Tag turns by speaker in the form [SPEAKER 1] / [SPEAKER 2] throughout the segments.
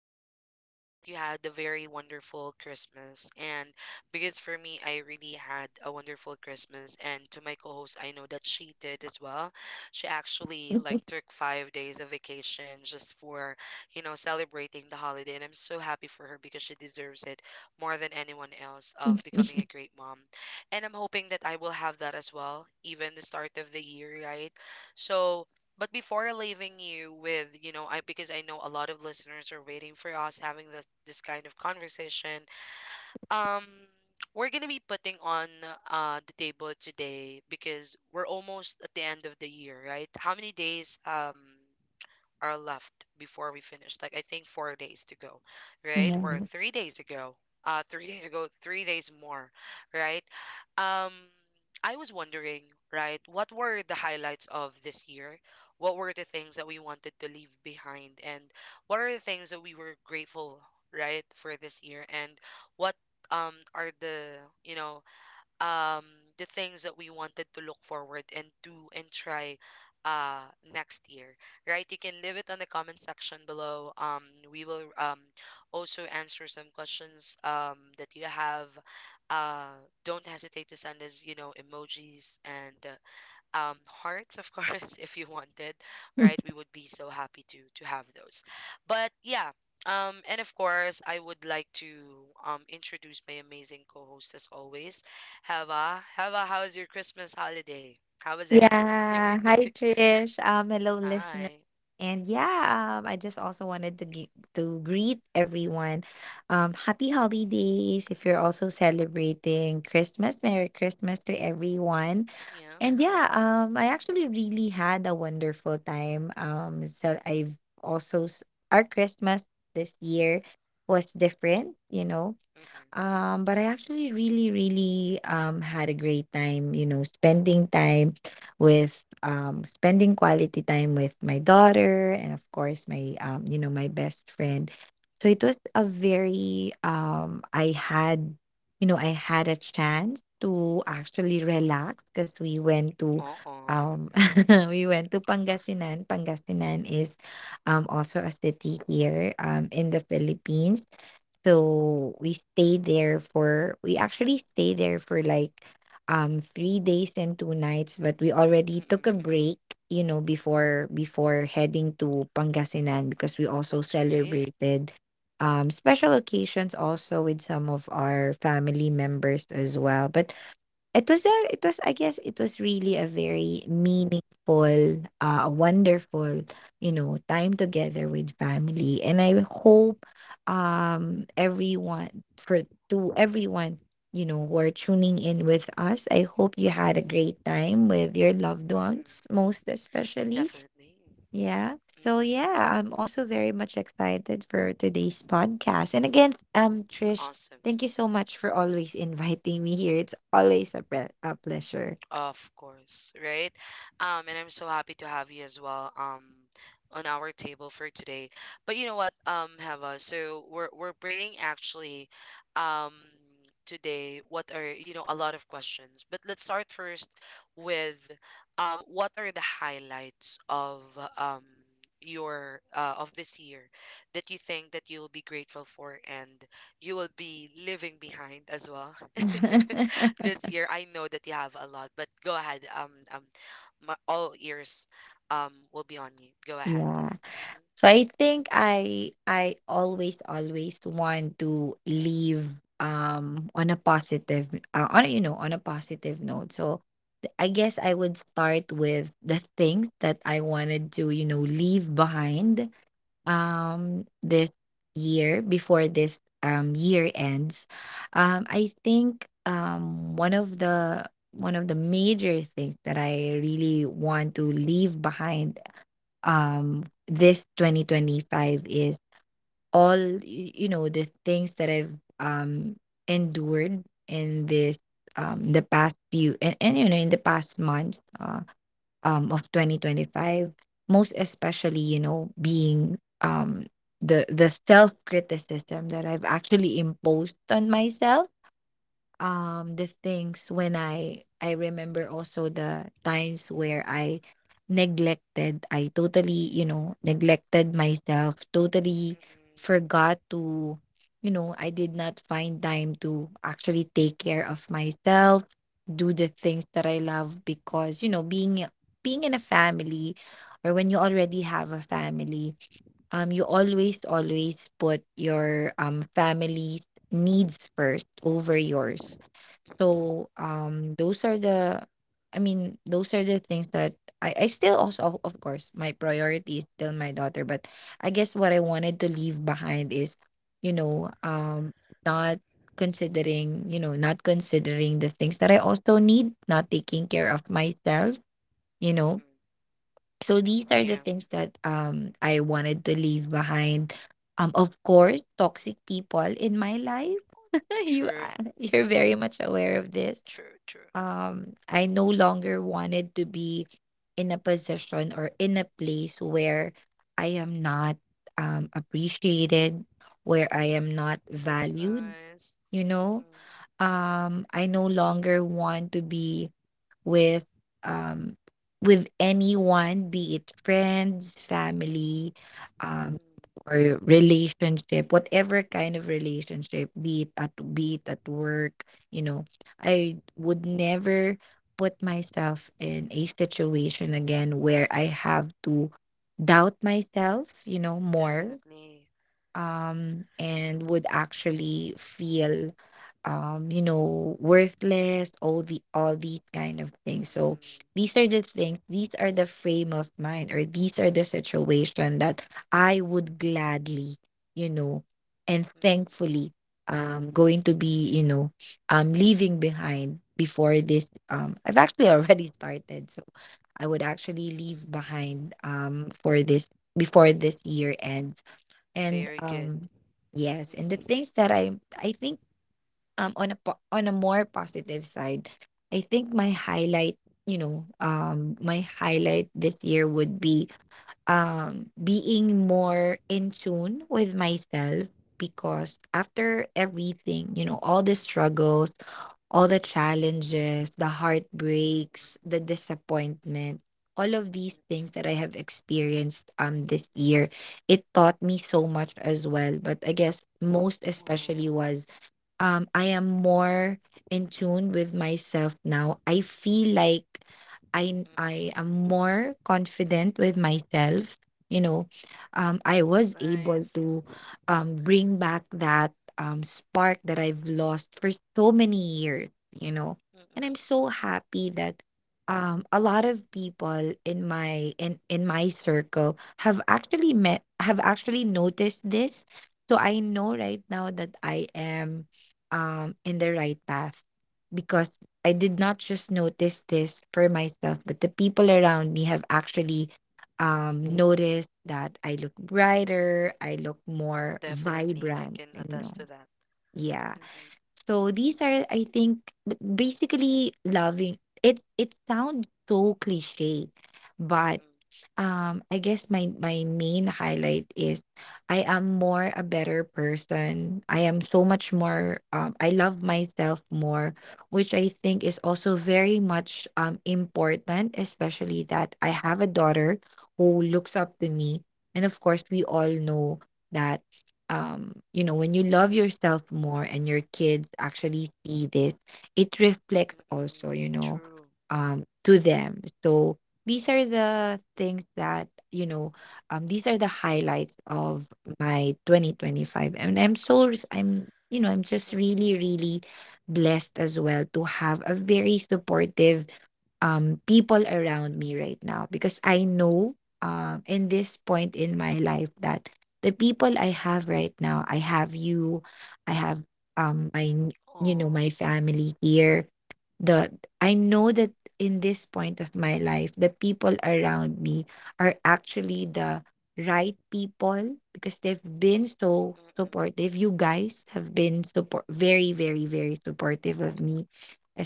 [SPEAKER 1] Hoping that you had a very wonderful Christmas. And because for me, I really had a wonderful Christmas. And to my co-host, I know that she did as well. She actually like took 5 days of vacation just for celebrating the holiday. And I'm so happy for her because she deserves it more than anyone else of becoming a great mom. And I'm hoping that I will have that as well, even the start of the year, right? So. But before leaving you with, I because I know a lot of listeners are waiting for us having this kind of conversation. Um, we're gonna be putting on the table today because we're almost at the end of the year, right? How many days? Are left before we finish. Like I think 4 days to go, right?
[SPEAKER 2] Yeah.
[SPEAKER 1] Or 3 days ago. 3 days ago, 3 days more, right? Um, I was wondering, right? What were the highlights of this year? What were the things that we wanted to leave behind, and what are the things that we were grateful, right, for this year, and what are the you know um the things that we wanted to look forward and do and try uh next year, right? You can leave it on the comment section below. We will also answer some questions that you have. uh don't hesitate to send us emojis and hearts, of course, if you wanted, right? We would be so happy to have those. But yeah, and of course, I would like to introduce my amazing co-host as always, Heva. Heva, how was your Christmas holiday? How was it?
[SPEAKER 2] Yeah. Hi, Trish. Hello, listener.
[SPEAKER 1] Hi.
[SPEAKER 2] And yeah, I just also wanted to to greet everyone. Happy holidays if you're also celebrating Christmas. Merry Christmas to everyone.
[SPEAKER 1] Yeah.
[SPEAKER 2] And yeah, I actually really had a wonderful time. So also s- our Christmas this year was different.
[SPEAKER 1] Mm-mm.
[SPEAKER 2] But I actually, really, really, had a great time, spending quality time with my daughter, and of course my best friend. So it was a very I had a chance to actually relax because we went to
[SPEAKER 1] Uh-uh.
[SPEAKER 2] um we went to Pangasinan. Pangasinan is also a city here in the Philippines. We actually stayed there for like 3 days and two nights, but we already took a
[SPEAKER 1] Mm-mm.
[SPEAKER 2] break, before heading to Pangasinan because we also
[SPEAKER 1] That's great.
[SPEAKER 2] celebrated special occasions also with some of our family members as well. But It was a it was I guess it was really a very meaningful, wonderful, time together with family. And I hope, everyone for to everyone, who are tuning in with us, I hope you had a great time with your loved
[SPEAKER 1] Mm-mm.
[SPEAKER 2] ones, most especially.
[SPEAKER 1] Definitely.
[SPEAKER 2] Yeah. So
[SPEAKER 1] Mm-mm.
[SPEAKER 2] yeah, I'm also very much excited for today's podcast. And again, Trish,
[SPEAKER 1] Awesome.
[SPEAKER 2] thank you so much for always inviting me here. It's always a pleasure.
[SPEAKER 1] Of course, right? And I'm so happy to have you as well, on our table for today. But you know what, Heva, so we're bringing actually, um, today what are a lot of questions. But let's start first with what are the highlights of, um, your, of this year that you think that you'll be grateful for, and you will be leaving behind as well. This year, I know that you have a lot, but go ahead. My, all ears, will be on you. Go ahead.
[SPEAKER 2] Yeah.
[SPEAKER 1] Mm-hmm.
[SPEAKER 2] So I think I always want to leave on a positive note. So I guess I would start with the things that I wanted to, leave behind this year before this year ends. I think, one of the major things that I really want to leave behind this 2025 is the things that I've endured in this the past few, and in the past months, of 2025, most especially, being the self criticism that I've actually imposed on myself, the things when I remember also the times where I totally, neglected myself totally,
[SPEAKER 1] Mm-mm,
[SPEAKER 2] forgot to, I did not find time to actually take care of myself, do the things that I love, because, being in a family, or when you already have a family, you always put your family's needs first over yours.
[SPEAKER 1] mm-mm,
[SPEAKER 2] So, those are the I mean, those are the things that I still, also of course my priority is still my daughter, but I guess what I wanted to leave behind is, you know um not considering, not considering the things that I also need, not taking care of myself you know
[SPEAKER 1] mm-mm.
[SPEAKER 2] so these are the
[SPEAKER 1] Yeah,
[SPEAKER 2] things that, I wanted to leave behind. Of course, toxic people in my life.
[SPEAKER 1] true,
[SPEAKER 2] You're very much aware of this.
[SPEAKER 1] true, true.
[SPEAKER 2] I no longer wanted to be in a position or in a place where I am not, appreciated, where I am not
[SPEAKER 1] That's
[SPEAKER 2] valued,
[SPEAKER 1] nice.
[SPEAKER 2] you know.
[SPEAKER 1] Mm-mm.
[SPEAKER 2] I no longer want to be with, um with anyone, be it friends, family, um or relationship, whatever kind of relationship, be it at work. you know I would never put myself in a situation again where I have to doubt myself, more,
[SPEAKER 1] Definitely.
[SPEAKER 2] and would actually feel, worthless, all these kind of things. So these are the things, these are the frame of mind, or these are the situation that I would gladly, you know, and thankfully, going to be, leaving behind before this I've actually already started. So I would actually leave behind, for this before this year ends. and
[SPEAKER 1] Very good.
[SPEAKER 2] um yes, and the things that I think, on a on a more positive side, I think my highlight this year would be being more in tune with myself, because after everything, all the struggles, all the challenges, the heartbreaks, the disappointment, all of these things that I have experienced this year, it taught me so much as well. But I guess most especially was, I am more in tune with myself now. I feel like I am more confident with myself. You know, I was able to, bring back that, spark that I've lost for so many years. You know, and I'm so happy that, a lot of people in my circle have actually met have actually noticed this. So I know right now that I am, in the right path, because I did not just notice this for myself, but the people around me have actually, noticed that I look brighter, I look more
[SPEAKER 1] Definite.
[SPEAKER 2] vibrant. Yeah.
[SPEAKER 1] Mm-mm,
[SPEAKER 2] So these are, I think, basically loving it. It sounds so cliche, but,
[SPEAKER 1] mm-mm,
[SPEAKER 2] I guess my main highlight is I am more a better person. I am so much more I love myself more, which I think is also very much, important, especially that I have a daughter who looks up to me. And of course, we all know that, when you love yourself more and your kids actually see this, it reflects also, to them. So these are the things that you know these are the highlights of my 2025. And I'm you know I'm just really blessed as well to have a very supportive, people around me right now, because I know, in this point in my life, that the people I have right now, I have you, I have, my, my family here, the I know that in this point of my life, the people around me are actually the right people, because they've been so supportive. You guys have been support very, very, very supportive of me,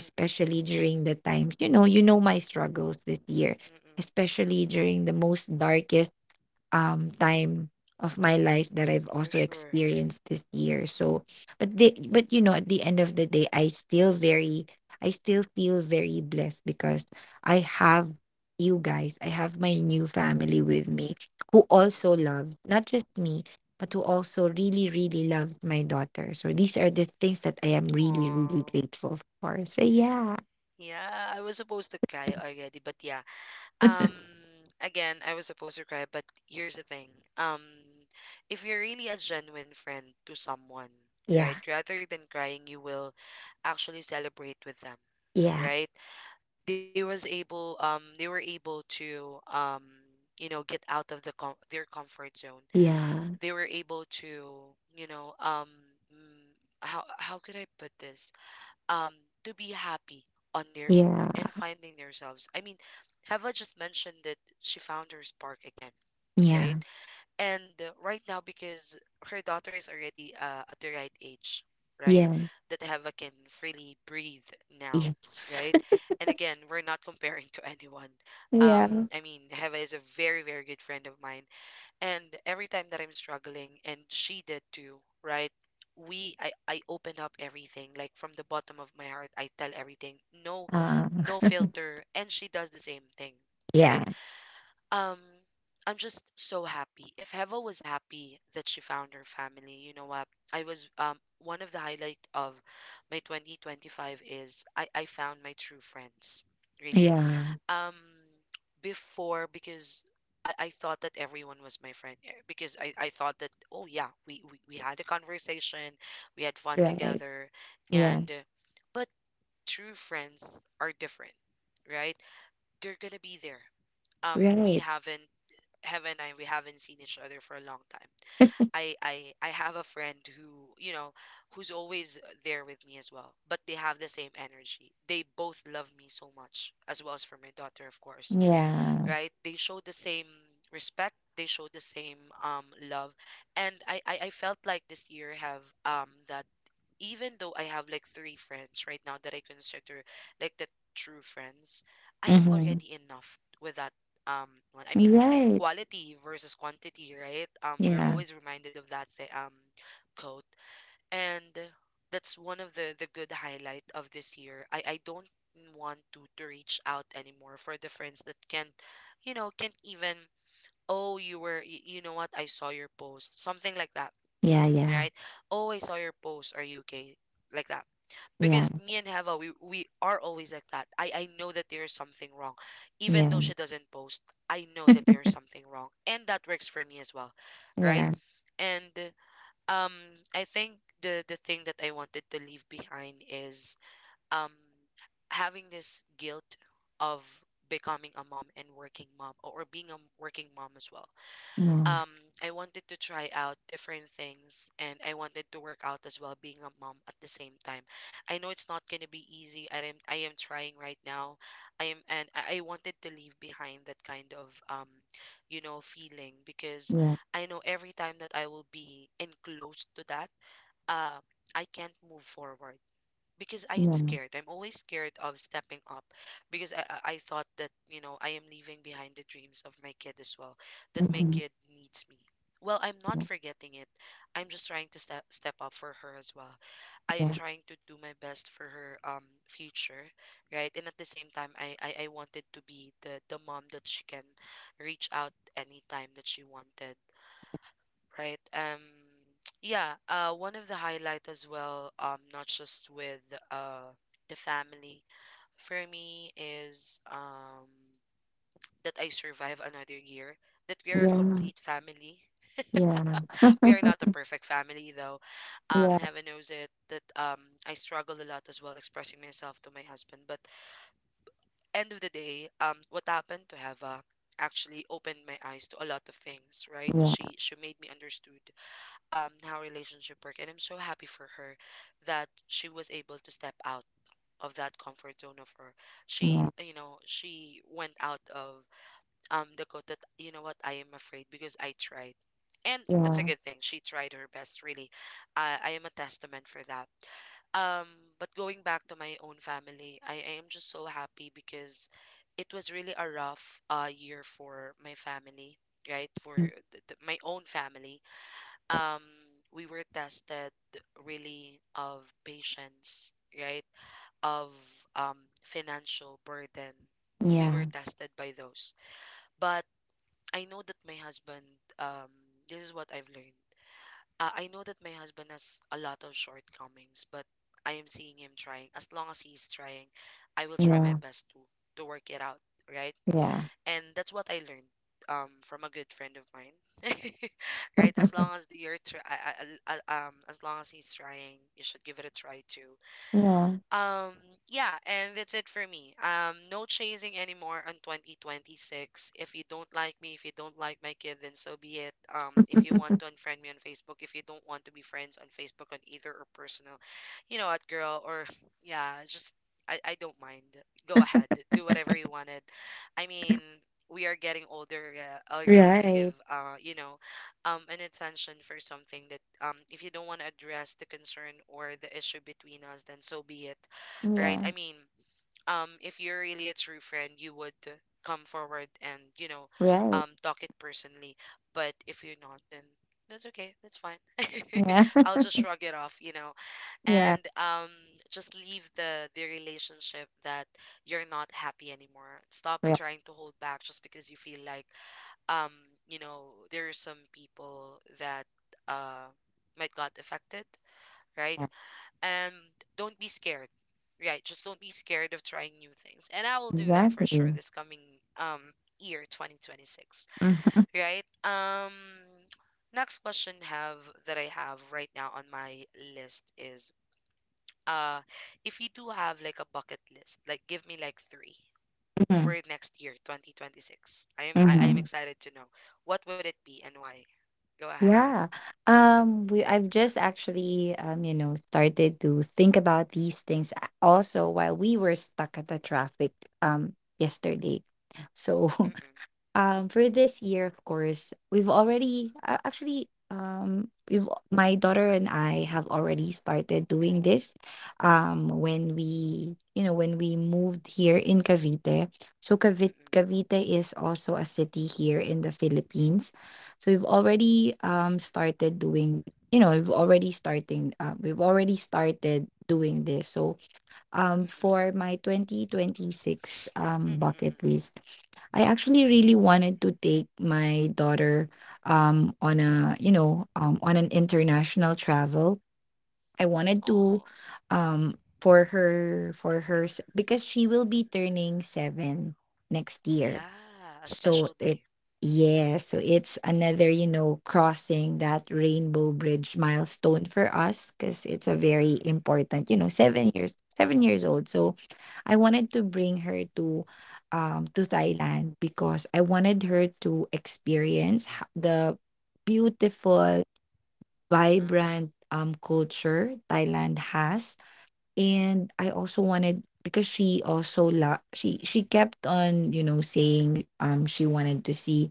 [SPEAKER 1] mm-mm,
[SPEAKER 2] during the times, you know my struggles this year,
[SPEAKER 1] mm-mm,
[SPEAKER 2] especially during the most darkest, time of my life
[SPEAKER 1] mm-mm,
[SPEAKER 2] that I've also experienced this year. So but the but you know at the end of the day, I still feel very blessed, because I have you guys. I have my new family with me, who
[SPEAKER 1] mm-mm.
[SPEAKER 2] also loves not just me, but who also really loves my daughter. So these are the things that I am really
[SPEAKER 1] Aw.
[SPEAKER 2] grateful for. So yeah.
[SPEAKER 1] Yeah, I was supposed to cry already, but yeah. Um, again, I was supposed to cry, but here's the thing. Um, if you're really a genuine friend to someone,
[SPEAKER 2] Yeah.
[SPEAKER 1] right, rather than crying, you will actually celebrate with them,
[SPEAKER 2] Yeah.
[SPEAKER 1] right? They were able to, get out of their comfort zone.
[SPEAKER 2] Yeah.
[SPEAKER 1] They were able to, mm, how could I put this? um to be happy on their own and
[SPEAKER 2] Yeah.
[SPEAKER 1] finding themselves. I mean, Heva just mentioned that she found her spark again,
[SPEAKER 2] Yeah.
[SPEAKER 1] right? And right now, because her daughter is already, at the right age, right,
[SPEAKER 2] Yeah.
[SPEAKER 1] that Heva can freely breathe now,
[SPEAKER 2] Yes.
[SPEAKER 1] right? And again, we're not comparing to anyone. Um,
[SPEAKER 2] Yeah.
[SPEAKER 1] I mean, Heva is a very, very good friend of mine, and every time that I'm struggling, and she did too, right? I open up everything, like from the bottom of my heart, I tell everything, no,
[SPEAKER 2] Uh,
[SPEAKER 1] no filter, and she does the same thing, right?
[SPEAKER 2] yeah,
[SPEAKER 1] Um, I'm just so happy. If Heva was happy that she found her family, you know what? I was, one of the highlight of my 2025 is I found my true friends, really.
[SPEAKER 2] yeah,
[SPEAKER 1] um Before, because I thought that everyone was my friend, eh? Because I thought that, oh yeah, we had a conversation, we had fun
[SPEAKER 2] right,
[SPEAKER 1] together,
[SPEAKER 2] yeah,
[SPEAKER 1] and but true friends are different, right? They're gonna be there. um we
[SPEAKER 2] right,
[SPEAKER 1] haven't heaven and I, we haven't seen each other for a long time. I have a friend who, who's always there with me as well, but they have the same energy. They both love me so much as well as for my daughter, of course,
[SPEAKER 2] yeah,
[SPEAKER 1] right? They show the same respect, they show the same love. And I felt like this year have, that even though I have like three friends right now that I consider like the true friends, I am
[SPEAKER 2] mm-hmm.
[SPEAKER 1] already enough with that one. I mean,
[SPEAKER 2] Right,
[SPEAKER 1] quality versus quantity, right? We're
[SPEAKER 2] yeah,
[SPEAKER 1] always reminded of that quote. And that's one of the good highlight of this year. I don't want to reach out anymore for the friends that can't even, "Oh, you know what, I saw your post," something like that,
[SPEAKER 2] yeah, yeah,
[SPEAKER 1] right? "Oh, I saw your post, are you okay?" Like that,
[SPEAKER 2] yeah, yeah,
[SPEAKER 1] because me and Heva, we are always like that. I know that there is something wrong.
[SPEAKER 2] yeah,
[SPEAKER 1] Even though
[SPEAKER 2] yeah,
[SPEAKER 1] she doesn't post, I know that there is something wrong. And that works for me as well,
[SPEAKER 2] yeah,
[SPEAKER 1] right?
[SPEAKER 2] yeah,
[SPEAKER 1] And um, I think the thing that I wanted to leave behind is um having this guilt of becoming a mom and working mom, or being a working mom as well. Um, I wanted to try out different things and I wanted to work out as well being a mom at the same time. I know it's not going to be easy. I am trying right now. I am, and I wanted to leave behind that kind of feeling, because I know every time that I will be enclosed to that, uh, I can't move forward because I
[SPEAKER 2] mm-hmm.
[SPEAKER 1] am
[SPEAKER 2] Yeah, yeah,
[SPEAKER 1] scared. I'm always scared of stepping up, because I thought that, you know, I am leaving behind the dreams of my kid as well, that my
[SPEAKER 2] yeah,
[SPEAKER 1] kid needs me. Well, I'm not forgetting it. I'm just trying to step up for her as well. I am trying to do my best for her future, right? And at the same time, I wanted to be the mom that she can reach out anytime that she wanted, right? Yeah, one of the highlight as well, not just with uh the family for me is that I survive another year. That we are a complete family. We are not a perfect family though.
[SPEAKER 2] yeah, yeah,
[SPEAKER 1] Heaven knows it that I struggle a lot as well expressing myself to my husband. But end of the day, what happened to Hava actually opened my eyes to a lot of things, right?
[SPEAKER 2] yeah,
[SPEAKER 1] She made me understood how relationship work. And I'm so happy for her that she was able to step out of that comfort zone of her. She you know she went out of the quote that, you know what, I am afraid because I tried. And that's a
[SPEAKER 2] yeah,
[SPEAKER 1] good thing, she tried her best, really. I am a testament for that. um but going back to my own family, I am just so happy because it was really a rough, year for my family, right? For
[SPEAKER 2] mm,
[SPEAKER 1] my own family, um we were tested really of patience, right? Of financial burden, we were
[SPEAKER 2] yeah,
[SPEAKER 1] tested by those. But I know that my husband, um this is what I've learned. I know that my husband has a lot of shortcomings, but I am seeing him trying. As long as he's trying, I will try my
[SPEAKER 2] yeah,
[SPEAKER 1] best to work it out, right?
[SPEAKER 2] yeah,
[SPEAKER 1] And that's what I learned from a good friend of mine. Right? As long as the you're tr- As long as he's trying, you should give it a try too.
[SPEAKER 2] yeah.
[SPEAKER 1] Um, yeah, and that's it for me. No chasing anymore on 2026. If you don't like me, if you don't like my kid, then so be it. If you want to unfriend me on Facebook, if you don't want to be friends on Facebook on either or personal, you know what, girl, or yeah, just I don't mind. Go ahead, do whatever you wanted. I mean, we are getting older, already to give,
[SPEAKER 2] Right.
[SPEAKER 1] an attention for something that, if you don't want to address the concern or the issue between us, then so be it, right?
[SPEAKER 2] Yeah.
[SPEAKER 1] I mean, if you're really a true friend, you would come forward and,
[SPEAKER 2] Right.
[SPEAKER 1] talk it personally. But if you're not, then that's okay. That's fine.
[SPEAKER 2] Yeah.
[SPEAKER 1] I'll just shrug it off, you know,
[SPEAKER 2] Yeah.
[SPEAKER 1] and just leave the relationship that you're not happy anymore. Stop
[SPEAKER 2] Right. Yeah.
[SPEAKER 1] trying to hold back just because you feel like um there are some people that uh might got affected, right, and don't be scared. Right, just don't be scared of trying new things, and I will do that for sure
[SPEAKER 2] Exactly.
[SPEAKER 1] this coming um year 2026,
[SPEAKER 2] Mm-hmm.
[SPEAKER 1] right? Next question, have, that I have right now on my list is, uh if you do have like a bucket list, like give me like three
[SPEAKER 2] Mm-hmm.
[SPEAKER 1] for next year, 2026? I am
[SPEAKER 2] Mm-hmm.
[SPEAKER 1] excited to know. What would it be and why? Go ahead.
[SPEAKER 2] Yeah.
[SPEAKER 1] Mm-hmm,
[SPEAKER 2] We I've just actually, started to think about these things also while we were stuck at the traffic, um yesterday. So
[SPEAKER 1] mm-mm,
[SPEAKER 2] for this year, of course, we've already actually we've my daughter and I have already started doing this, when we moved here in Cavite. So cavite,
[SPEAKER 1] mm-mm,
[SPEAKER 2] cavite is also a city here in the Philippines. So we've already started doing this. So,
[SPEAKER 1] mm-mm, mm-mm,
[SPEAKER 2] for my 2026,
[SPEAKER 1] mm-mm,
[SPEAKER 2] bucket
[SPEAKER 1] mm-mm.
[SPEAKER 2] list, I actually really wanted to take my daughter, on a, you know, on an international travel. I wanted to
[SPEAKER 1] Oh,
[SPEAKER 2] because she will be turning 7 next year.
[SPEAKER 1] yeah, a
[SPEAKER 2] So
[SPEAKER 1] special
[SPEAKER 2] it,
[SPEAKER 1] day.
[SPEAKER 2] yeah, so it's another, crossing that Rainbow Bridge milestone for us, because it's a very important, 7 years, 7 years old. So I wanted to bring her to Thailand, because I wanted her to experience the beautiful,
[SPEAKER 1] Uh-uh,
[SPEAKER 2] vibrant, culture Thailand has. And I also wanted, because she she kept on, saying, she wanted to see,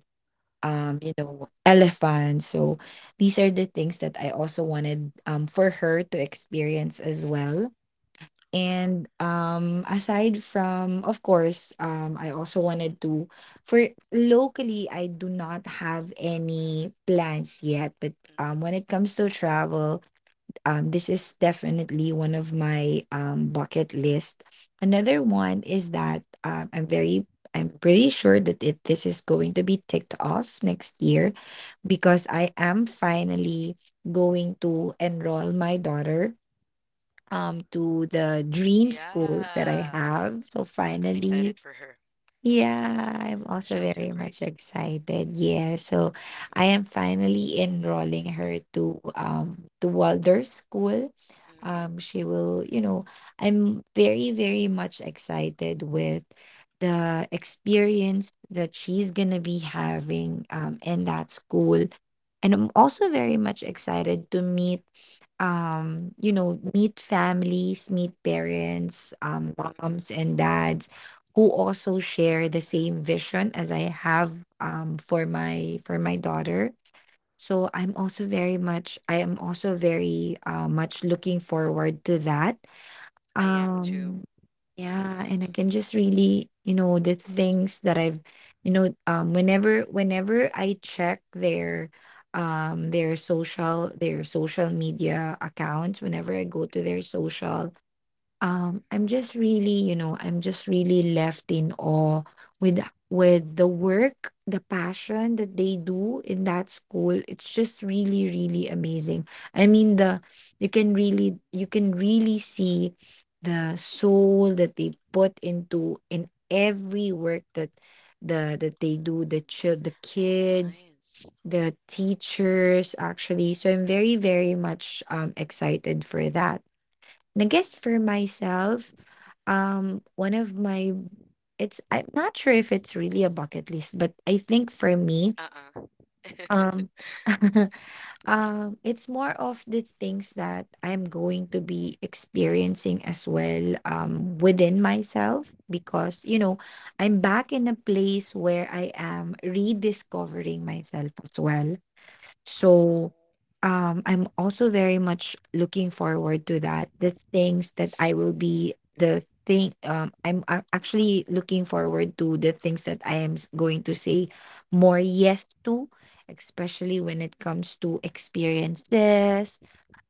[SPEAKER 2] elephants. So these are the things that I also wanted, for her to experience as
[SPEAKER 1] mm-mm,
[SPEAKER 2] well. And, aside from, of course, I also wanted to for locally I do not have any plans yet, but,
[SPEAKER 1] mm-mm,
[SPEAKER 2] when it comes to travel, this is definitely one of my, bucket list. Another one is that, I'm pretty sure that it this is going to be ticked off next year, because
[SPEAKER 1] mm-mm.
[SPEAKER 2] I am finally going to enroll my daughter, to the dream school that I
[SPEAKER 1] Yeah,
[SPEAKER 2] have. So
[SPEAKER 1] I'm
[SPEAKER 2] finally,
[SPEAKER 1] excited for her.
[SPEAKER 2] yeah, I'm also
[SPEAKER 1] She'll do
[SPEAKER 2] very
[SPEAKER 1] great.
[SPEAKER 2] much excited. Yeah, so
[SPEAKER 1] Mm-mm,
[SPEAKER 2] I am finally enrolling her to Waldorf school.
[SPEAKER 1] mm-mm,
[SPEAKER 2] She I'm very, very much excited with the experience that she's gonna be having in that school. And I'm also very much excited to meet meet families, meet parents,
[SPEAKER 1] mm-mm.
[SPEAKER 2] moms and dads who also share the same vision as I have for my daughter. So I am also very much looking forward to that.
[SPEAKER 1] I am too.
[SPEAKER 2] Um yeah, and I
[SPEAKER 1] Mm-mm,
[SPEAKER 2] can just really, you know, the things that I've, you know, whenever I check their their social media accounts, whenever I go to their social
[SPEAKER 1] mm-mm,
[SPEAKER 2] I'm just really you know I'm just really left in awe with with the work, the passion that they do in that school. It's just really, really amazing. I mean, the
[SPEAKER 1] mm-mm,
[SPEAKER 2] you can really see the soul that they put into in every work that they do, the
[SPEAKER 1] mm-mm.
[SPEAKER 2] child, the
[SPEAKER 1] That's
[SPEAKER 2] kids,
[SPEAKER 1] nice.
[SPEAKER 2] the teachers actually. So I'm very, very much excited for that. And I guess
[SPEAKER 1] Mm-mm.
[SPEAKER 2] for myself, one of my it's I'm not sure if it's really a bucket list, but I think for me,
[SPEAKER 1] Uh-uh.
[SPEAKER 2] um, it's more of the things that I'm going to be experiencing as well, within myself, because you know, I'm back in a place where I am rediscovering myself as well.
[SPEAKER 1] Oh.
[SPEAKER 2] So I'm also very much looking forward to that. The things that I will be the thing I'm actually looking forward to the things that I am going to say more yes to, especially when
[SPEAKER 1] Mm-mm,
[SPEAKER 2] it comes to experiences,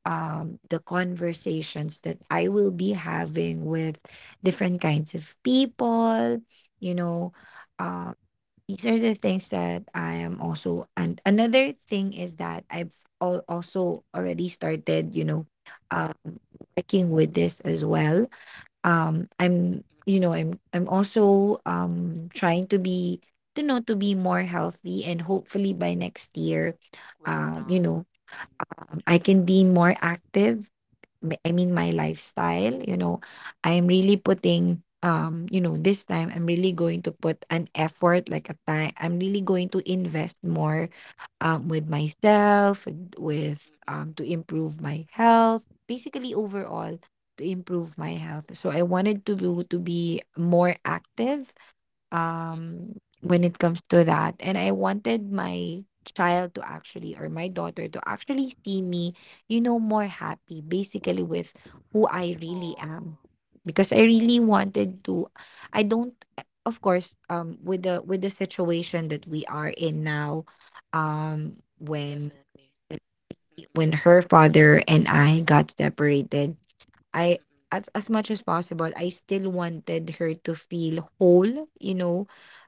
[SPEAKER 2] the
[SPEAKER 1] mm-mm,
[SPEAKER 2] conversations that I will be having with different kinds of people, you know. um, these are the things that I am also, and another thing is that I've also already started, um working with this as well.
[SPEAKER 1] mm-mm.
[SPEAKER 2] I'm also trying to be to know to be more healthy, and hopefully by next year
[SPEAKER 1] Well
[SPEAKER 2] um you
[SPEAKER 1] done.
[SPEAKER 2] know
[SPEAKER 1] Mhm.
[SPEAKER 2] I can be more active. I mean my lifestyle, you know, I'm really putting this time I'm really going to put an effort like a time. I'm really going to invest more with myself, and with to improve my health, basically overall to improve my health. So I wanted to be more active
[SPEAKER 1] Mm, mm-mm.
[SPEAKER 2] um when it comes to that. And I wanted my child to actually, or my daughter to actually see me, you know, more happy basically with who I really am, because I really wanted to. I don't, of course, with the situation that we are in now, um when
[SPEAKER 1] Definitely. Mm-mm.
[SPEAKER 2] when her father and I got separated, I,
[SPEAKER 1] Mm-mm.
[SPEAKER 2] as much as possible, I still wanted her to feel whole, you know,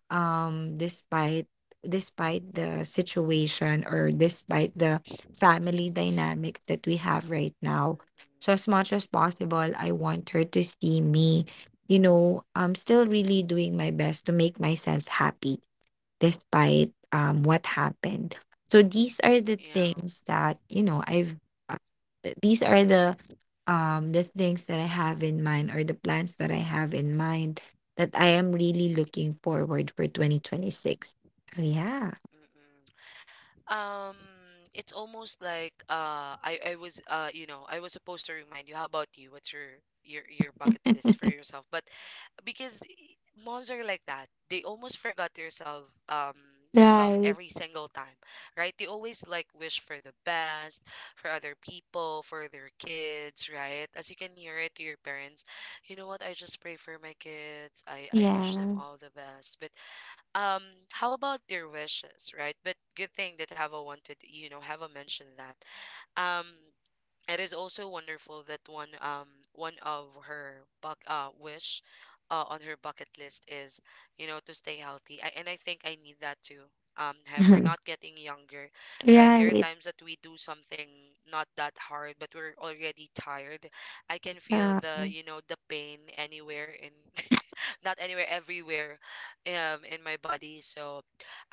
[SPEAKER 2] despite despite the situation, or despite the family dynamics that we have right now. So as much as possible, I want her to see me, you know, I'm still really doing my best to make myself happy despite what happened. So these are the things that Uh, these are the things that I have in mind, or the plans that I have in mind, that I am really looking forward for 2026. So yeah.
[SPEAKER 1] Mm-mm. It's almost like, I was, I was supposed to remind you. How about you? What's your your bucket list for yourself? But because moms are like that. They almost forgot yourself, yourself
[SPEAKER 2] Right.
[SPEAKER 1] every single time, right? They always like wish for the best for other people, for their kids, right? As you can hear it to your parents, you know what? I just pray for my kids. I wish them
[SPEAKER 2] Yeah.
[SPEAKER 1] all the best. But um, how about their wishes, right? But good thing that Hava wanted, Hava mentioned that. Um. It is also wonderful that one of her buck wish, on her bucket list is, you know, to stay healthy. And I think I need that too. Have, we're not getting younger, right? There are
[SPEAKER 2] Right.
[SPEAKER 1] times that we do something not that hard, but we're already tired. I can feel
[SPEAKER 2] Yeah.
[SPEAKER 1] the you know the pain anywhere in, not anywhere, everywhere, in my body. So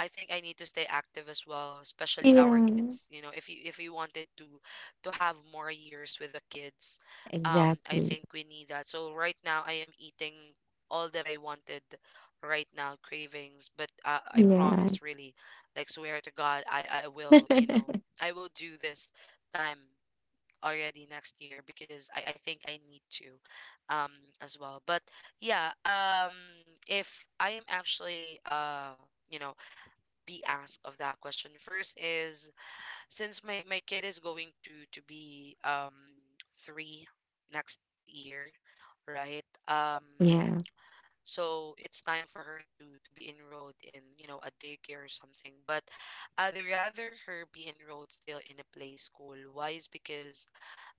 [SPEAKER 1] I think I need to stay active as well, especially our
[SPEAKER 2] Yeah.
[SPEAKER 1] kids. You know, if you wanted to have more years with the kids, I
[SPEAKER 2] Exactly.
[SPEAKER 1] think we need that. So right now I am eating all that I wanted right now, cravings. But I
[SPEAKER 2] Yeah.
[SPEAKER 1] promise, really, like swear to God, I I will, you know, I will do this time already next year because I think I need to, um as well. But yeah, if I am actually, you know be asked of that question first is, since my kid is going to be, 3 next year, right?
[SPEAKER 2] Yeah.
[SPEAKER 1] So it's time for her to be enrolled in, you know, a daycare or something. But I'd rather her be enrolled still in a play school. Why is because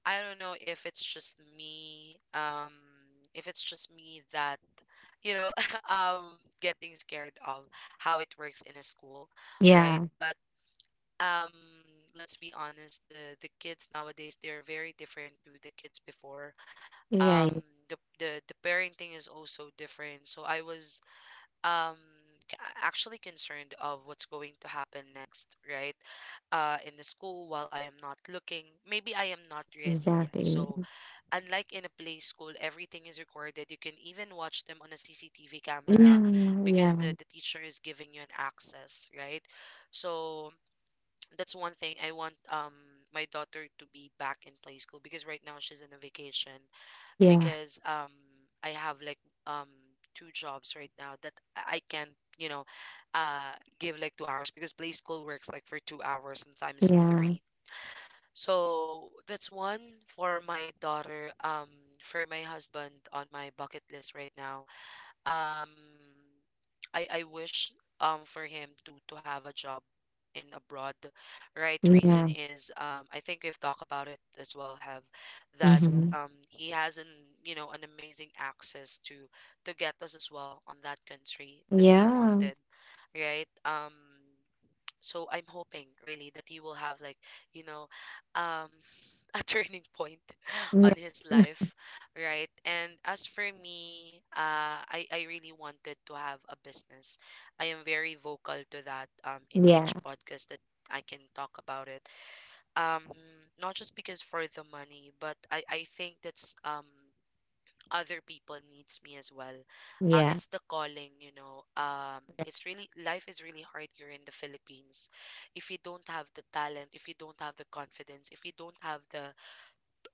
[SPEAKER 1] I don't know if it's just me, if it's just me that, you know, getting scared of how it works in a school,
[SPEAKER 2] Yeah.
[SPEAKER 1] right? But um, let's be honest, the kids nowadays they're very different to the kids before. Um,
[SPEAKER 2] Right.
[SPEAKER 1] the parenting is also different. So I was um c- actually concerned of what's going to happen next, right? In the school while I am not looking, maybe I am not ready yet.
[SPEAKER 2] Exactly.
[SPEAKER 1] So, unlike in a play school, everything is recorded. You can even watch them on a CCTV
[SPEAKER 2] Yeah.
[SPEAKER 1] camera because
[SPEAKER 2] Yeah.
[SPEAKER 1] the teacher is giving you an access, right? So that's one thing I want, my daughter to be back in play school because right now she's in a vacation
[SPEAKER 2] Yeah.
[SPEAKER 1] because, I have like, um two jobs right now that I can't, you know, uh give like 2 hours because play school works like for 2 hours, sometimes
[SPEAKER 2] Yeah.
[SPEAKER 1] three. So that's one for my daughter. For my husband on my bucket list right now. Um, I wish, for him to have a job in abroad. Right, reason
[SPEAKER 2] Yeah.
[SPEAKER 1] is, I think we've talked about it as well, have, that,
[SPEAKER 2] Hmm.
[SPEAKER 1] he has an you know an amazing access to get us as well on that country that we
[SPEAKER 2] Yeah.
[SPEAKER 1] wanted, right? So I'm hoping really that he will have like, you know um a turning point on
[SPEAKER 2] Yeah.
[SPEAKER 1] his life, right? And as for me, I really wanted to have a business. I am very vocal to that, in
[SPEAKER 2] Yeah.
[SPEAKER 1] each podcast that I can talk about it. Um, not just because for the money, but I think that's, other people needs me as well.
[SPEAKER 2] Yeah.
[SPEAKER 1] It's the calling, you know. It's really, life is really hard here in the Philippines if you don't have the talent, if you don't have the confidence, if you don't have the,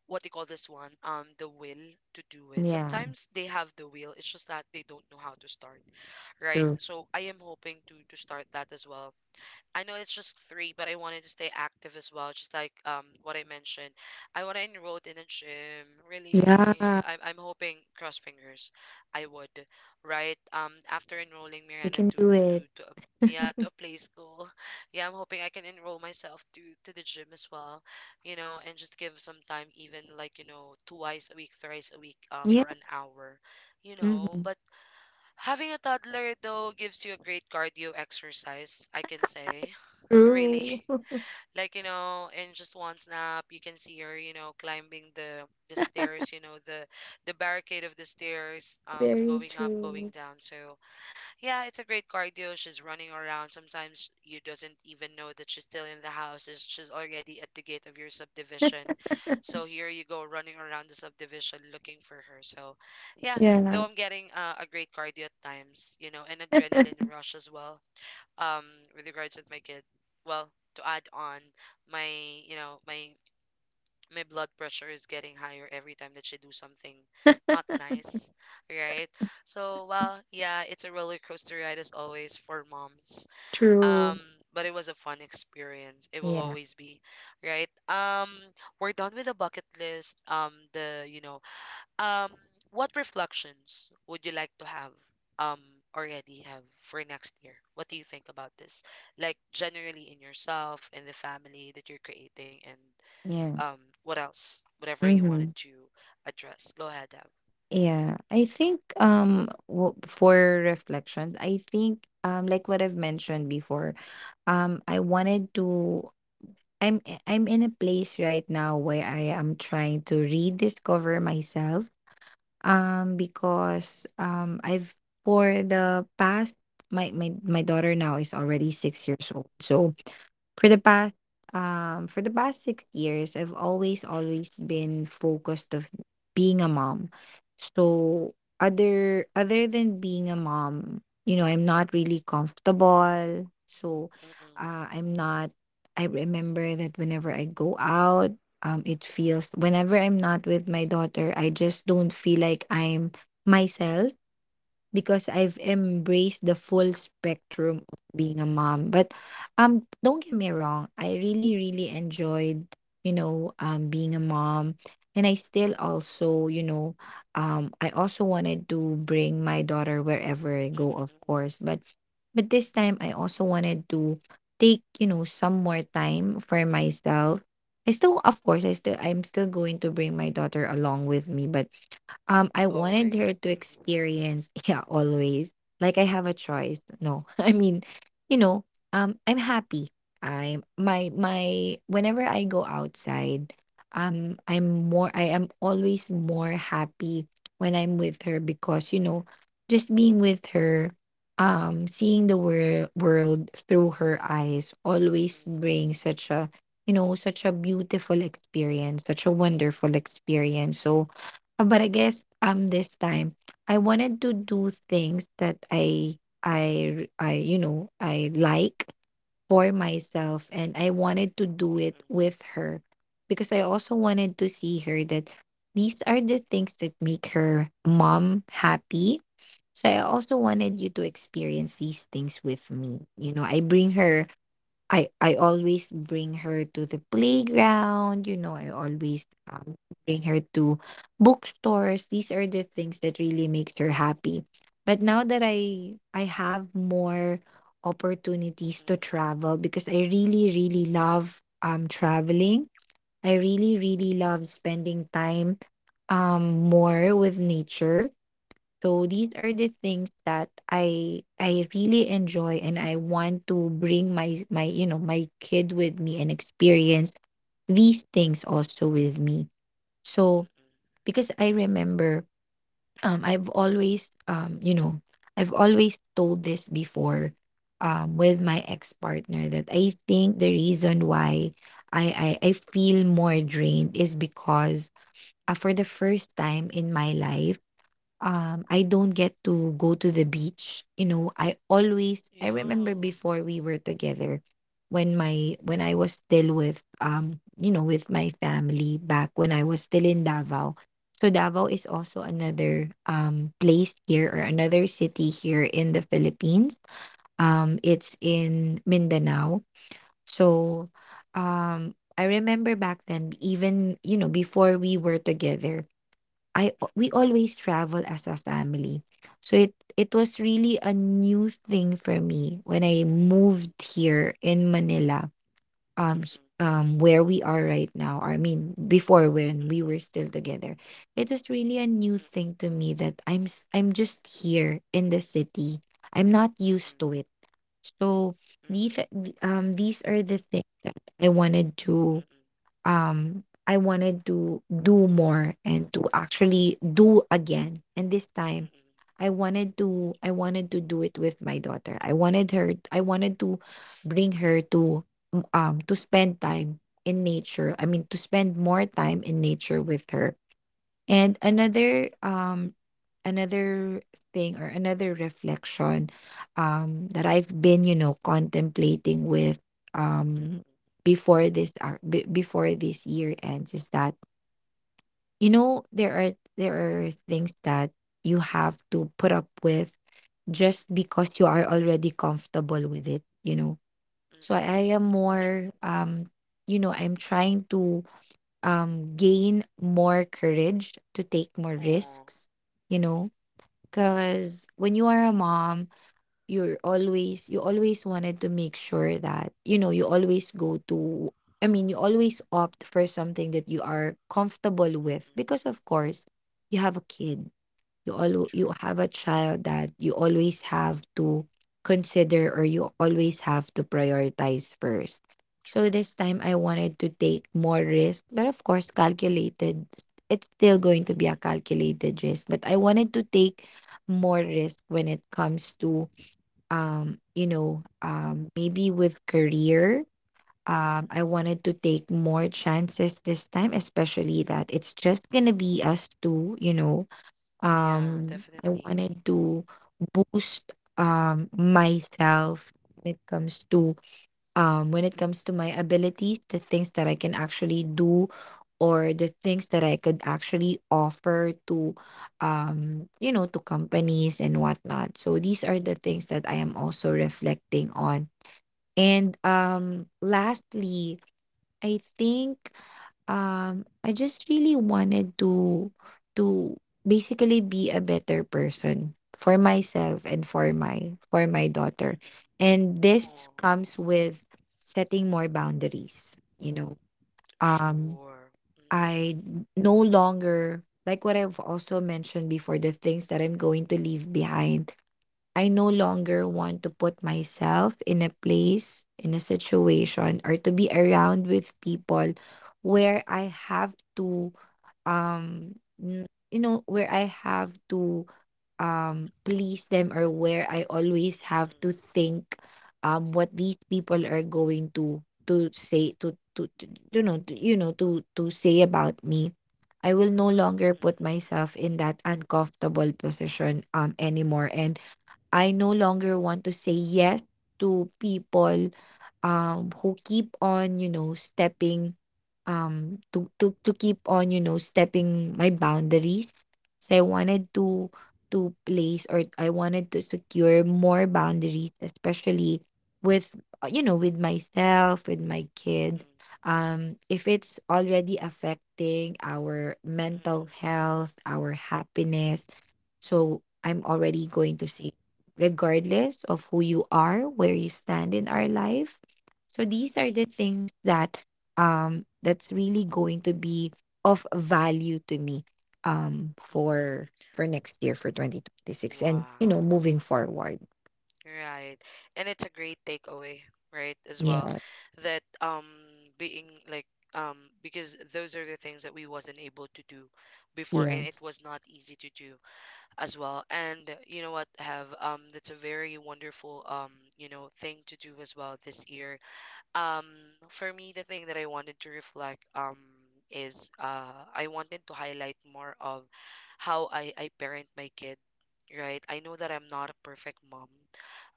[SPEAKER 1] what they call this one, the will to do it.
[SPEAKER 2] Yeah.
[SPEAKER 1] Sometimes they have the will, it's just that they don't know how to start, right?
[SPEAKER 2] True.
[SPEAKER 1] So I am hoping to start that as well. I know it's just three, but I wanted to stay active as well, just like, what I mentioned. I want to enroll in a gym. Really,
[SPEAKER 2] Yeah.
[SPEAKER 1] I'm hoping, cross fingers, I would, right? After enrolling
[SPEAKER 2] We
[SPEAKER 1] Miranda
[SPEAKER 2] can
[SPEAKER 1] to,
[SPEAKER 2] do
[SPEAKER 1] to
[SPEAKER 2] it.
[SPEAKER 1] to a, yeah, to a play school, yeah, I'm hoping I can enroll myself to the gym as well, you know, and just give some time, even like, twice a week, thrice a week,
[SPEAKER 2] Yeah.
[SPEAKER 1] for an hour, you know.
[SPEAKER 2] Hmm.
[SPEAKER 1] But having a toddler though gives you a great cardio exercise, I can say really.
[SPEAKER 2] True.
[SPEAKER 1] Like, in just one snap you can see her, climbing the stairs, you know, the barricade of the stairs,
[SPEAKER 2] Very
[SPEAKER 1] going up, going
[SPEAKER 2] true.
[SPEAKER 1] down. So yeah, it's a great cardio. She's running around, sometimes you doesn't even know that she's still in the house, she's already at the gate of your subdivision. So here you go running around the subdivision looking for her. So yeah, though
[SPEAKER 2] Yeah.
[SPEAKER 1] I'm getting, a great cardio at times, you know, an adrenaline rush as well. um with regards to my kid, well, to add on, my you know my my blood pressure is getting higher every time that she do something not nice, right? So, well, yeah, it's a roller coaster ride as always for moms. um
[SPEAKER 2] True.
[SPEAKER 1] but it was a fun experience, it will
[SPEAKER 2] Yeah.
[SPEAKER 1] always be, right? We're done with the bucket list. The you know um, what reflections would you like to have um already have for next year? What do you think about this? Like generally in yourself and the family that you're creating, and,
[SPEAKER 2] Yeah.
[SPEAKER 1] what else? Whatever you wanted
[SPEAKER 2] Hmm.
[SPEAKER 1] to address. Go ahead, Deb.
[SPEAKER 2] Yeah. I think for reflections, I think like what I've mentioned before, I wanted to I'm I'm in a place right now where I am trying to rediscover myself. Because I've for the past, my my daughter now is already six years old, so. For the past, for the past six years, I've always always
[SPEAKER 1] Mm-hmm.
[SPEAKER 2] been focused of being a mom.
[SPEAKER 1] Mm-mm,
[SPEAKER 2] So other, other than being a mom, you know, I'm not really comfortable. So
[SPEAKER 1] mm-mm, mm-mm,
[SPEAKER 2] I'm not, I remember that whenever I go out, it feels whenever I'm not with my daughter, I just don't feel like I'm myself, because I've embraced the full spectrum of being a mom. But, don't get me wrong, I really, really enjoyed, being a mom. And I still also, I also wanted to bring my daughter wherever I
[SPEAKER 1] mm-mm,
[SPEAKER 2] go, of course.
[SPEAKER 1] mm-mm.
[SPEAKER 2] But this time I also wanted to take, you know, some more time for myself. I still, of course, I still, I'm still going to bring my daughter along with me, but I wanted her
[SPEAKER 1] Always.
[SPEAKER 2] to
[SPEAKER 1] Mm-mm,
[SPEAKER 2] experience, yeah, always. Like I have a choice. No, I mean, you know, I'm happy. I'm my my whenever I go outside, I am always more happy when I'm with her because, you know, just being with her, seeing the world through her eyes always
[SPEAKER 1] mm-mm,
[SPEAKER 2] brings such a, you know, such a beautiful experience, such a wonderful experience. So but I guess this time I wanted to do things that I you know I like for myself, and I wanted to do it
[SPEAKER 1] mm-mm,
[SPEAKER 2] with her because I also wanted to see her that these are the things that make her mom happy. So I also wanted you
[SPEAKER 1] mm-mm,
[SPEAKER 2] to experience these things with me. You know, I bring her, I always bring her to the playground, you know, I always, bring her to bookstores. These are the things that really makes her happy. But now that I have more opportunities to
[SPEAKER 1] mm-mm,
[SPEAKER 2] travel, because I really, really love traveling.
[SPEAKER 1] mm-mm,
[SPEAKER 2] I really, really love spending time more with nature. So these are the things that I really enjoy, and I want to bring my kid with me and experience these things also with me. So
[SPEAKER 1] mm-mm.
[SPEAKER 2] because I remember I've always I've always told this before with my ex-partner that I think the reason why I feel more drained is because for the first time in my life I don't get to go to the beach. You know, I always, I
[SPEAKER 1] Yeah.
[SPEAKER 2] remember
[SPEAKER 1] Mm-mm,
[SPEAKER 2] before we were together, when my when I was still with with my family back when I was still in
[SPEAKER 1] mm-mm,
[SPEAKER 2] Davao. So Davao is also another place here, or
[SPEAKER 1] mm-mm,
[SPEAKER 2] another city here in the Philippines. It's in Mindanao.
[SPEAKER 1] mm-mm,
[SPEAKER 2] So um I remember back then, even you know before we were together, I we
[SPEAKER 1] mm-mm,
[SPEAKER 2] always travel as a family. So it was really a new thing for me when I moved here in Manila.
[SPEAKER 1] mm-mm,
[SPEAKER 2] Where we are right now. I mean before when we
[SPEAKER 1] mm-mm,
[SPEAKER 2] were still together. It was really a new thing
[SPEAKER 1] mm-mm.
[SPEAKER 2] to me that I'm I'm just here in the city. I'm not used to
[SPEAKER 1] Mm-mm.
[SPEAKER 2] it. So
[SPEAKER 1] Mm-mm,
[SPEAKER 2] these are these are the things that
[SPEAKER 1] mm-mm,
[SPEAKER 2] I wanted to do more, and to actually do again. And this time
[SPEAKER 1] mm-mm,
[SPEAKER 2] I wanted to do it with my daughter. I wanted her, I wanted to bring her to spend time in nature. I mean to spend more time in nature with her. And
[SPEAKER 1] mm-mm,
[SPEAKER 2] another another thing, or another reflection that I've been, you know, contemplating with, um
[SPEAKER 1] mm-mm,
[SPEAKER 2] before this before this year ends, is that you know there are things that you have to put up with just because you are already comfortable with it, you know. So
[SPEAKER 1] mm-mm.
[SPEAKER 2] I am
[SPEAKER 1] True.
[SPEAKER 2] more you know, I'm trying to gain more courage to take more
[SPEAKER 1] Oh,
[SPEAKER 2] risks, you know,
[SPEAKER 1] mm-mm,
[SPEAKER 2] because when you are a mom, you always wanted to make sure that you know you always go to, I mean you always opt for something that you are comfortable with,
[SPEAKER 1] mm-mm.
[SPEAKER 2] because of course you have a kid, you
[SPEAKER 1] True,
[SPEAKER 2] have a child that you always have to consider, or you always have to prioritize first. So
[SPEAKER 1] true.
[SPEAKER 2] this time I wanted to take more risk, but of course calculated, it's still going to be a
[SPEAKER 1] Mm-mm,
[SPEAKER 2] calculated risk, but I wanted to take more risk when it comes to maybe with career.
[SPEAKER 1] mm-mm.
[SPEAKER 2] I wanted to take more chances this time, especially that it's just going to be us two, you know.
[SPEAKER 1] Yeah,
[SPEAKER 2] I
[SPEAKER 1] definitely.
[SPEAKER 2] wanted to boost myself when it comes to my abilities, the things that I can actually do, or the things that I could actually offer to to companies and whatnot. So these are
[SPEAKER 1] Mm-mm,
[SPEAKER 2] the things that I am also reflecting on. And
[SPEAKER 1] mm-mm,
[SPEAKER 2] lastly, I think I just really wanted to to basically be a better person for myself and for my daughter.
[SPEAKER 1] mm-mm.
[SPEAKER 2] And this
[SPEAKER 1] Oh,
[SPEAKER 2] comes with setting more boundaries, you know. Um,
[SPEAKER 1] sure.
[SPEAKER 2] I no longer, like what I've also mentioned before, the things that I'm going to leave behind. I no longer want to put myself in a place, in a situation, or to be around with people where I have to, you know, where I have to please them, or where I always have to think what these people are going to to you know to say about me. I will no longer put myself in that uncomfortable position anymore, and I no longer want to say yes to people who keep on, you know, stepping to keep on you know stepping my boundaries. So I wanted to place, or I wanted to secure more boundaries, especially with you know with myself, with my
[SPEAKER 1] Mm-mm,
[SPEAKER 2] kid,
[SPEAKER 1] mm-mm,
[SPEAKER 2] if it's already affecting our mental
[SPEAKER 1] mm-mm,
[SPEAKER 2] health, our happiness. So I'm already going to say, regardless of who you are, where you stand in our life. So these are
[SPEAKER 1] mm-mm,
[SPEAKER 2] the things that that's really going to be of value to me um for for next year, for 2026,
[SPEAKER 1] mm-mm.
[SPEAKER 2] and you know
[SPEAKER 1] Wow.
[SPEAKER 2] moving forward.
[SPEAKER 1] Right. And it's a great takeaway, right, as well.
[SPEAKER 2] Yes.
[SPEAKER 1] That, being like, because those are the things that we wasn't able to do before, and it
[SPEAKER 2] Yes.
[SPEAKER 1] was not easy to do as well. And you know what, have, that's a very wonderful, thing to do as well this year. Um for me, the thing that I wanted to reflect, is, I wanted to highlight more of how I parent my kid, right? I know that I'm not a perfect mom,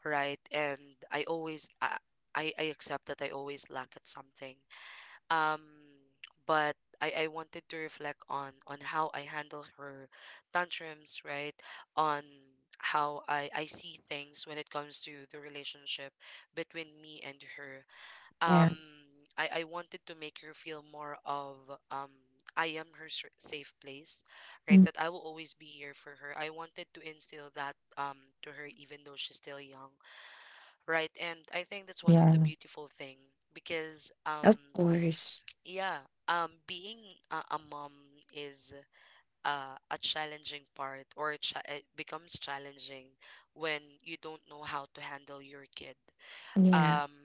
[SPEAKER 1] right? And I always I I accept that I always lack at something. Um, but I wanted to reflect on how I handle her tantrums, right? On how I see things when it comes to the relationship between me and her.
[SPEAKER 2] Yeah.
[SPEAKER 1] Um, I wanted to make her feel more of, um. I am her safe place,
[SPEAKER 2] Mm,
[SPEAKER 1] right? That I will always be here for her. I wanted to instill that, to her even though she's still young, right? And I think that's one of the
[SPEAKER 2] yeah,
[SPEAKER 1] beautiful thing because,
[SPEAKER 2] of course.
[SPEAKER 1] yeah, being a mom is, a challenging part, or it, it becomes challenging when you don't know how to handle your kid.
[SPEAKER 2] Yeah.
[SPEAKER 1] Um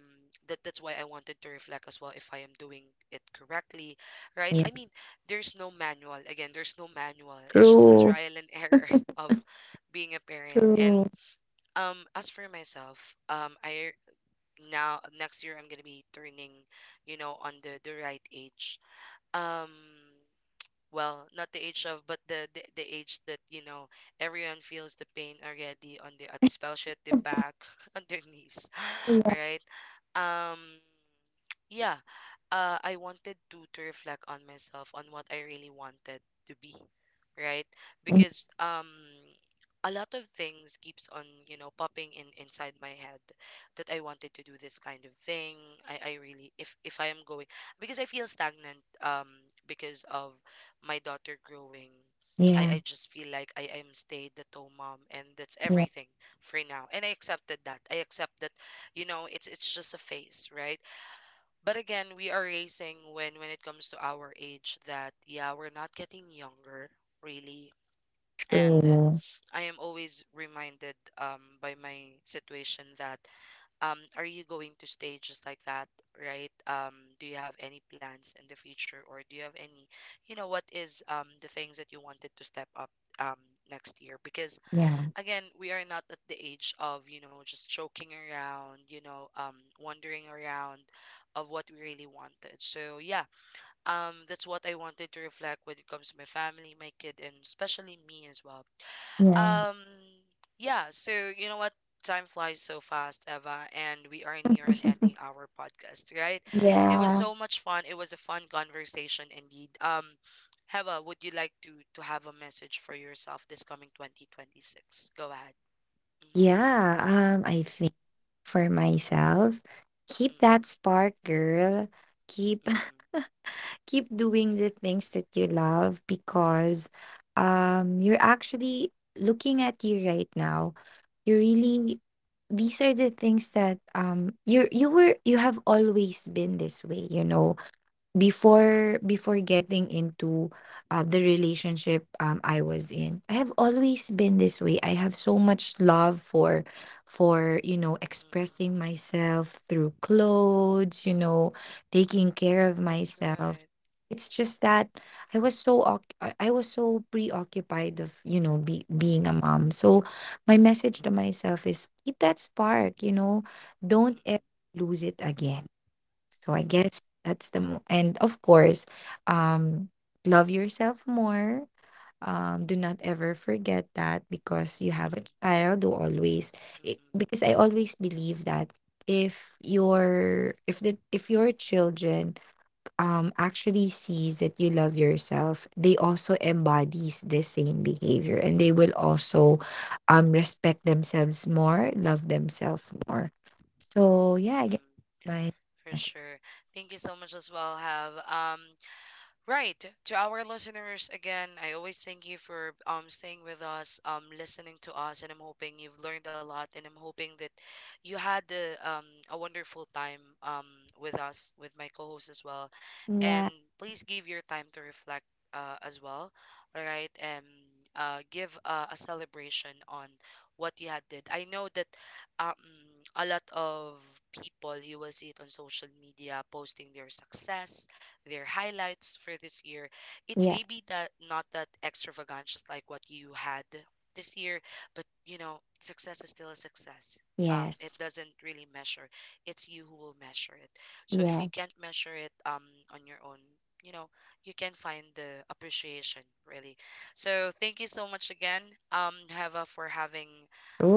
[SPEAKER 1] that's why I wanted to reflect as well if I am doing it correctly, right?
[SPEAKER 2] Yeah.
[SPEAKER 1] I mean, there's no manual. Again, there's no manual. It's just a
[SPEAKER 2] True.
[SPEAKER 1] trial and error of being a parent. And,
[SPEAKER 2] True.
[SPEAKER 1] as for myself, I now next year I'm gonna be turning, you know, on the right age. Um, well, not the age of, but the age that you know everyone feels the pain already on the, especially at the back, on their knees,
[SPEAKER 2] Yeah.
[SPEAKER 1] right? Um, yeah, I wanted to reflect on myself on what I really wanted to be, right?
[SPEAKER 2] Mm,
[SPEAKER 1] Because, a lot of things keeps on, you know, popping in inside my head that I wanted to do this kind of thing. I really, if I am going, because I feel stagnant, because of my daughter growing.
[SPEAKER 2] yeah,
[SPEAKER 1] I just feel like I am stayed at home mom and that's
[SPEAKER 2] yeah.
[SPEAKER 1] everything for now. And I accepted that. I accept that, you know, it's just a phase, right? But again, we are raising, when it comes to our age that, yeah, we're not getting younger, really. And
[SPEAKER 2] True.
[SPEAKER 1] I am always reminded, by my situation that, are you going to stay just like that, right? Do you have any plans in the future, or do you have any, you know, what is, the things that you wanted to step up, um next year, because
[SPEAKER 2] Yeah.
[SPEAKER 1] again we are not at the age of, you know, just joking around, you know, wandering around of what we really wanted. So yeah, that's what I wanted to reflect when it comes to my family, my kid, and especially me as well.
[SPEAKER 2] Yeah.
[SPEAKER 1] um yeah. So, you know what, time flies so fast, Eva, and we are near an ending our podcast, right? It was
[SPEAKER 2] Yeah.
[SPEAKER 1] so much fun, it was a fun conversation indeed. Heva, would you like to have a message for yourself this coming 2026? Go ahead. Mhm.
[SPEAKER 2] Yeah. I think for myself, keep that
[SPEAKER 1] Mm-mm.
[SPEAKER 2] spark, girl. Keep,
[SPEAKER 1] Mm-mm.
[SPEAKER 2] keep doing the things that you love, because you're actually, looking at you right now, you
[SPEAKER 1] Mm-mm.
[SPEAKER 2] really, these are the things that you have always been this way, you know,
[SPEAKER 1] Mm-mm.
[SPEAKER 2] before before getting into the relationship I was in. I have always been this way. I have so much love for you know
[SPEAKER 1] Mm-mm.
[SPEAKER 2] expressing myself through clothes, you know, taking care of
[SPEAKER 1] That's
[SPEAKER 2] myself.
[SPEAKER 1] right.
[SPEAKER 2] It's just that I was so I was so preoccupied of you know being a mom. So my message to myself is keep that spark, you know, don't ever
[SPEAKER 1] Mm-mm.
[SPEAKER 2] lose it again. So I guess
[SPEAKER 1] Mm-mm.
[SPEAKER 2] that's the and of course, um, love yourself more. Do not ever forget that, because you have
[SPEAKER 1] Mm-mm.
[SPEAKER 2] a child who always,
[SPEAKER 1] Mm-mm.
[SPEAKER 2] because I always believe that if your if the if your children actually sees that you love yourself, they also embodies the same behavior, and they will also respect themselves more, love themselves more. So yeah, I guess
[SPEAKER 1] Mm-mm.
[SPEAKER 2] my
[SPEAKER 1] For sure. Thank you so much as well, have. Right. To our listeners again, I always thank you for, staying with us, listening to us, and I'm hoping you've learned a lot, and I'm hoping that you had the a wonderful time, with us, with my co-host as well,
[SPEAKER 2] Yeah,
[SPEAKER 1] and please give your time to reflect, as well, all right, and, give, a celebration on what you had did. I know that, um a lot of people, you will see it on social media posting their success, their highlights for this year. It
[SPEAKER 2] yeah,
[SPEAKER 1] may be that not that extravagant, just like what you had this year, but you know, success is still a success. It
[SPEAKER 2] yes,
[SPEAKER 1] doesn't really measure. It's you who will measure it. So if you
[SPEAKER 2] yes.
[SPEAKER 1] can't measure it, on your own, you know, you can find the appreciation really. So thank you so much again, Heva, for having,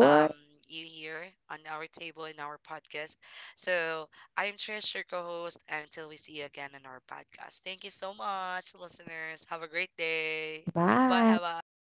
[SPEAKER 1] um, you here on our table in our podcast. So I am Trish, your co host, until we see you again on our podcast. Thank you so much, listeners. Have a great day. Bye,
[SPEAKER 2] bye.
[SPEAKER 1] Hava.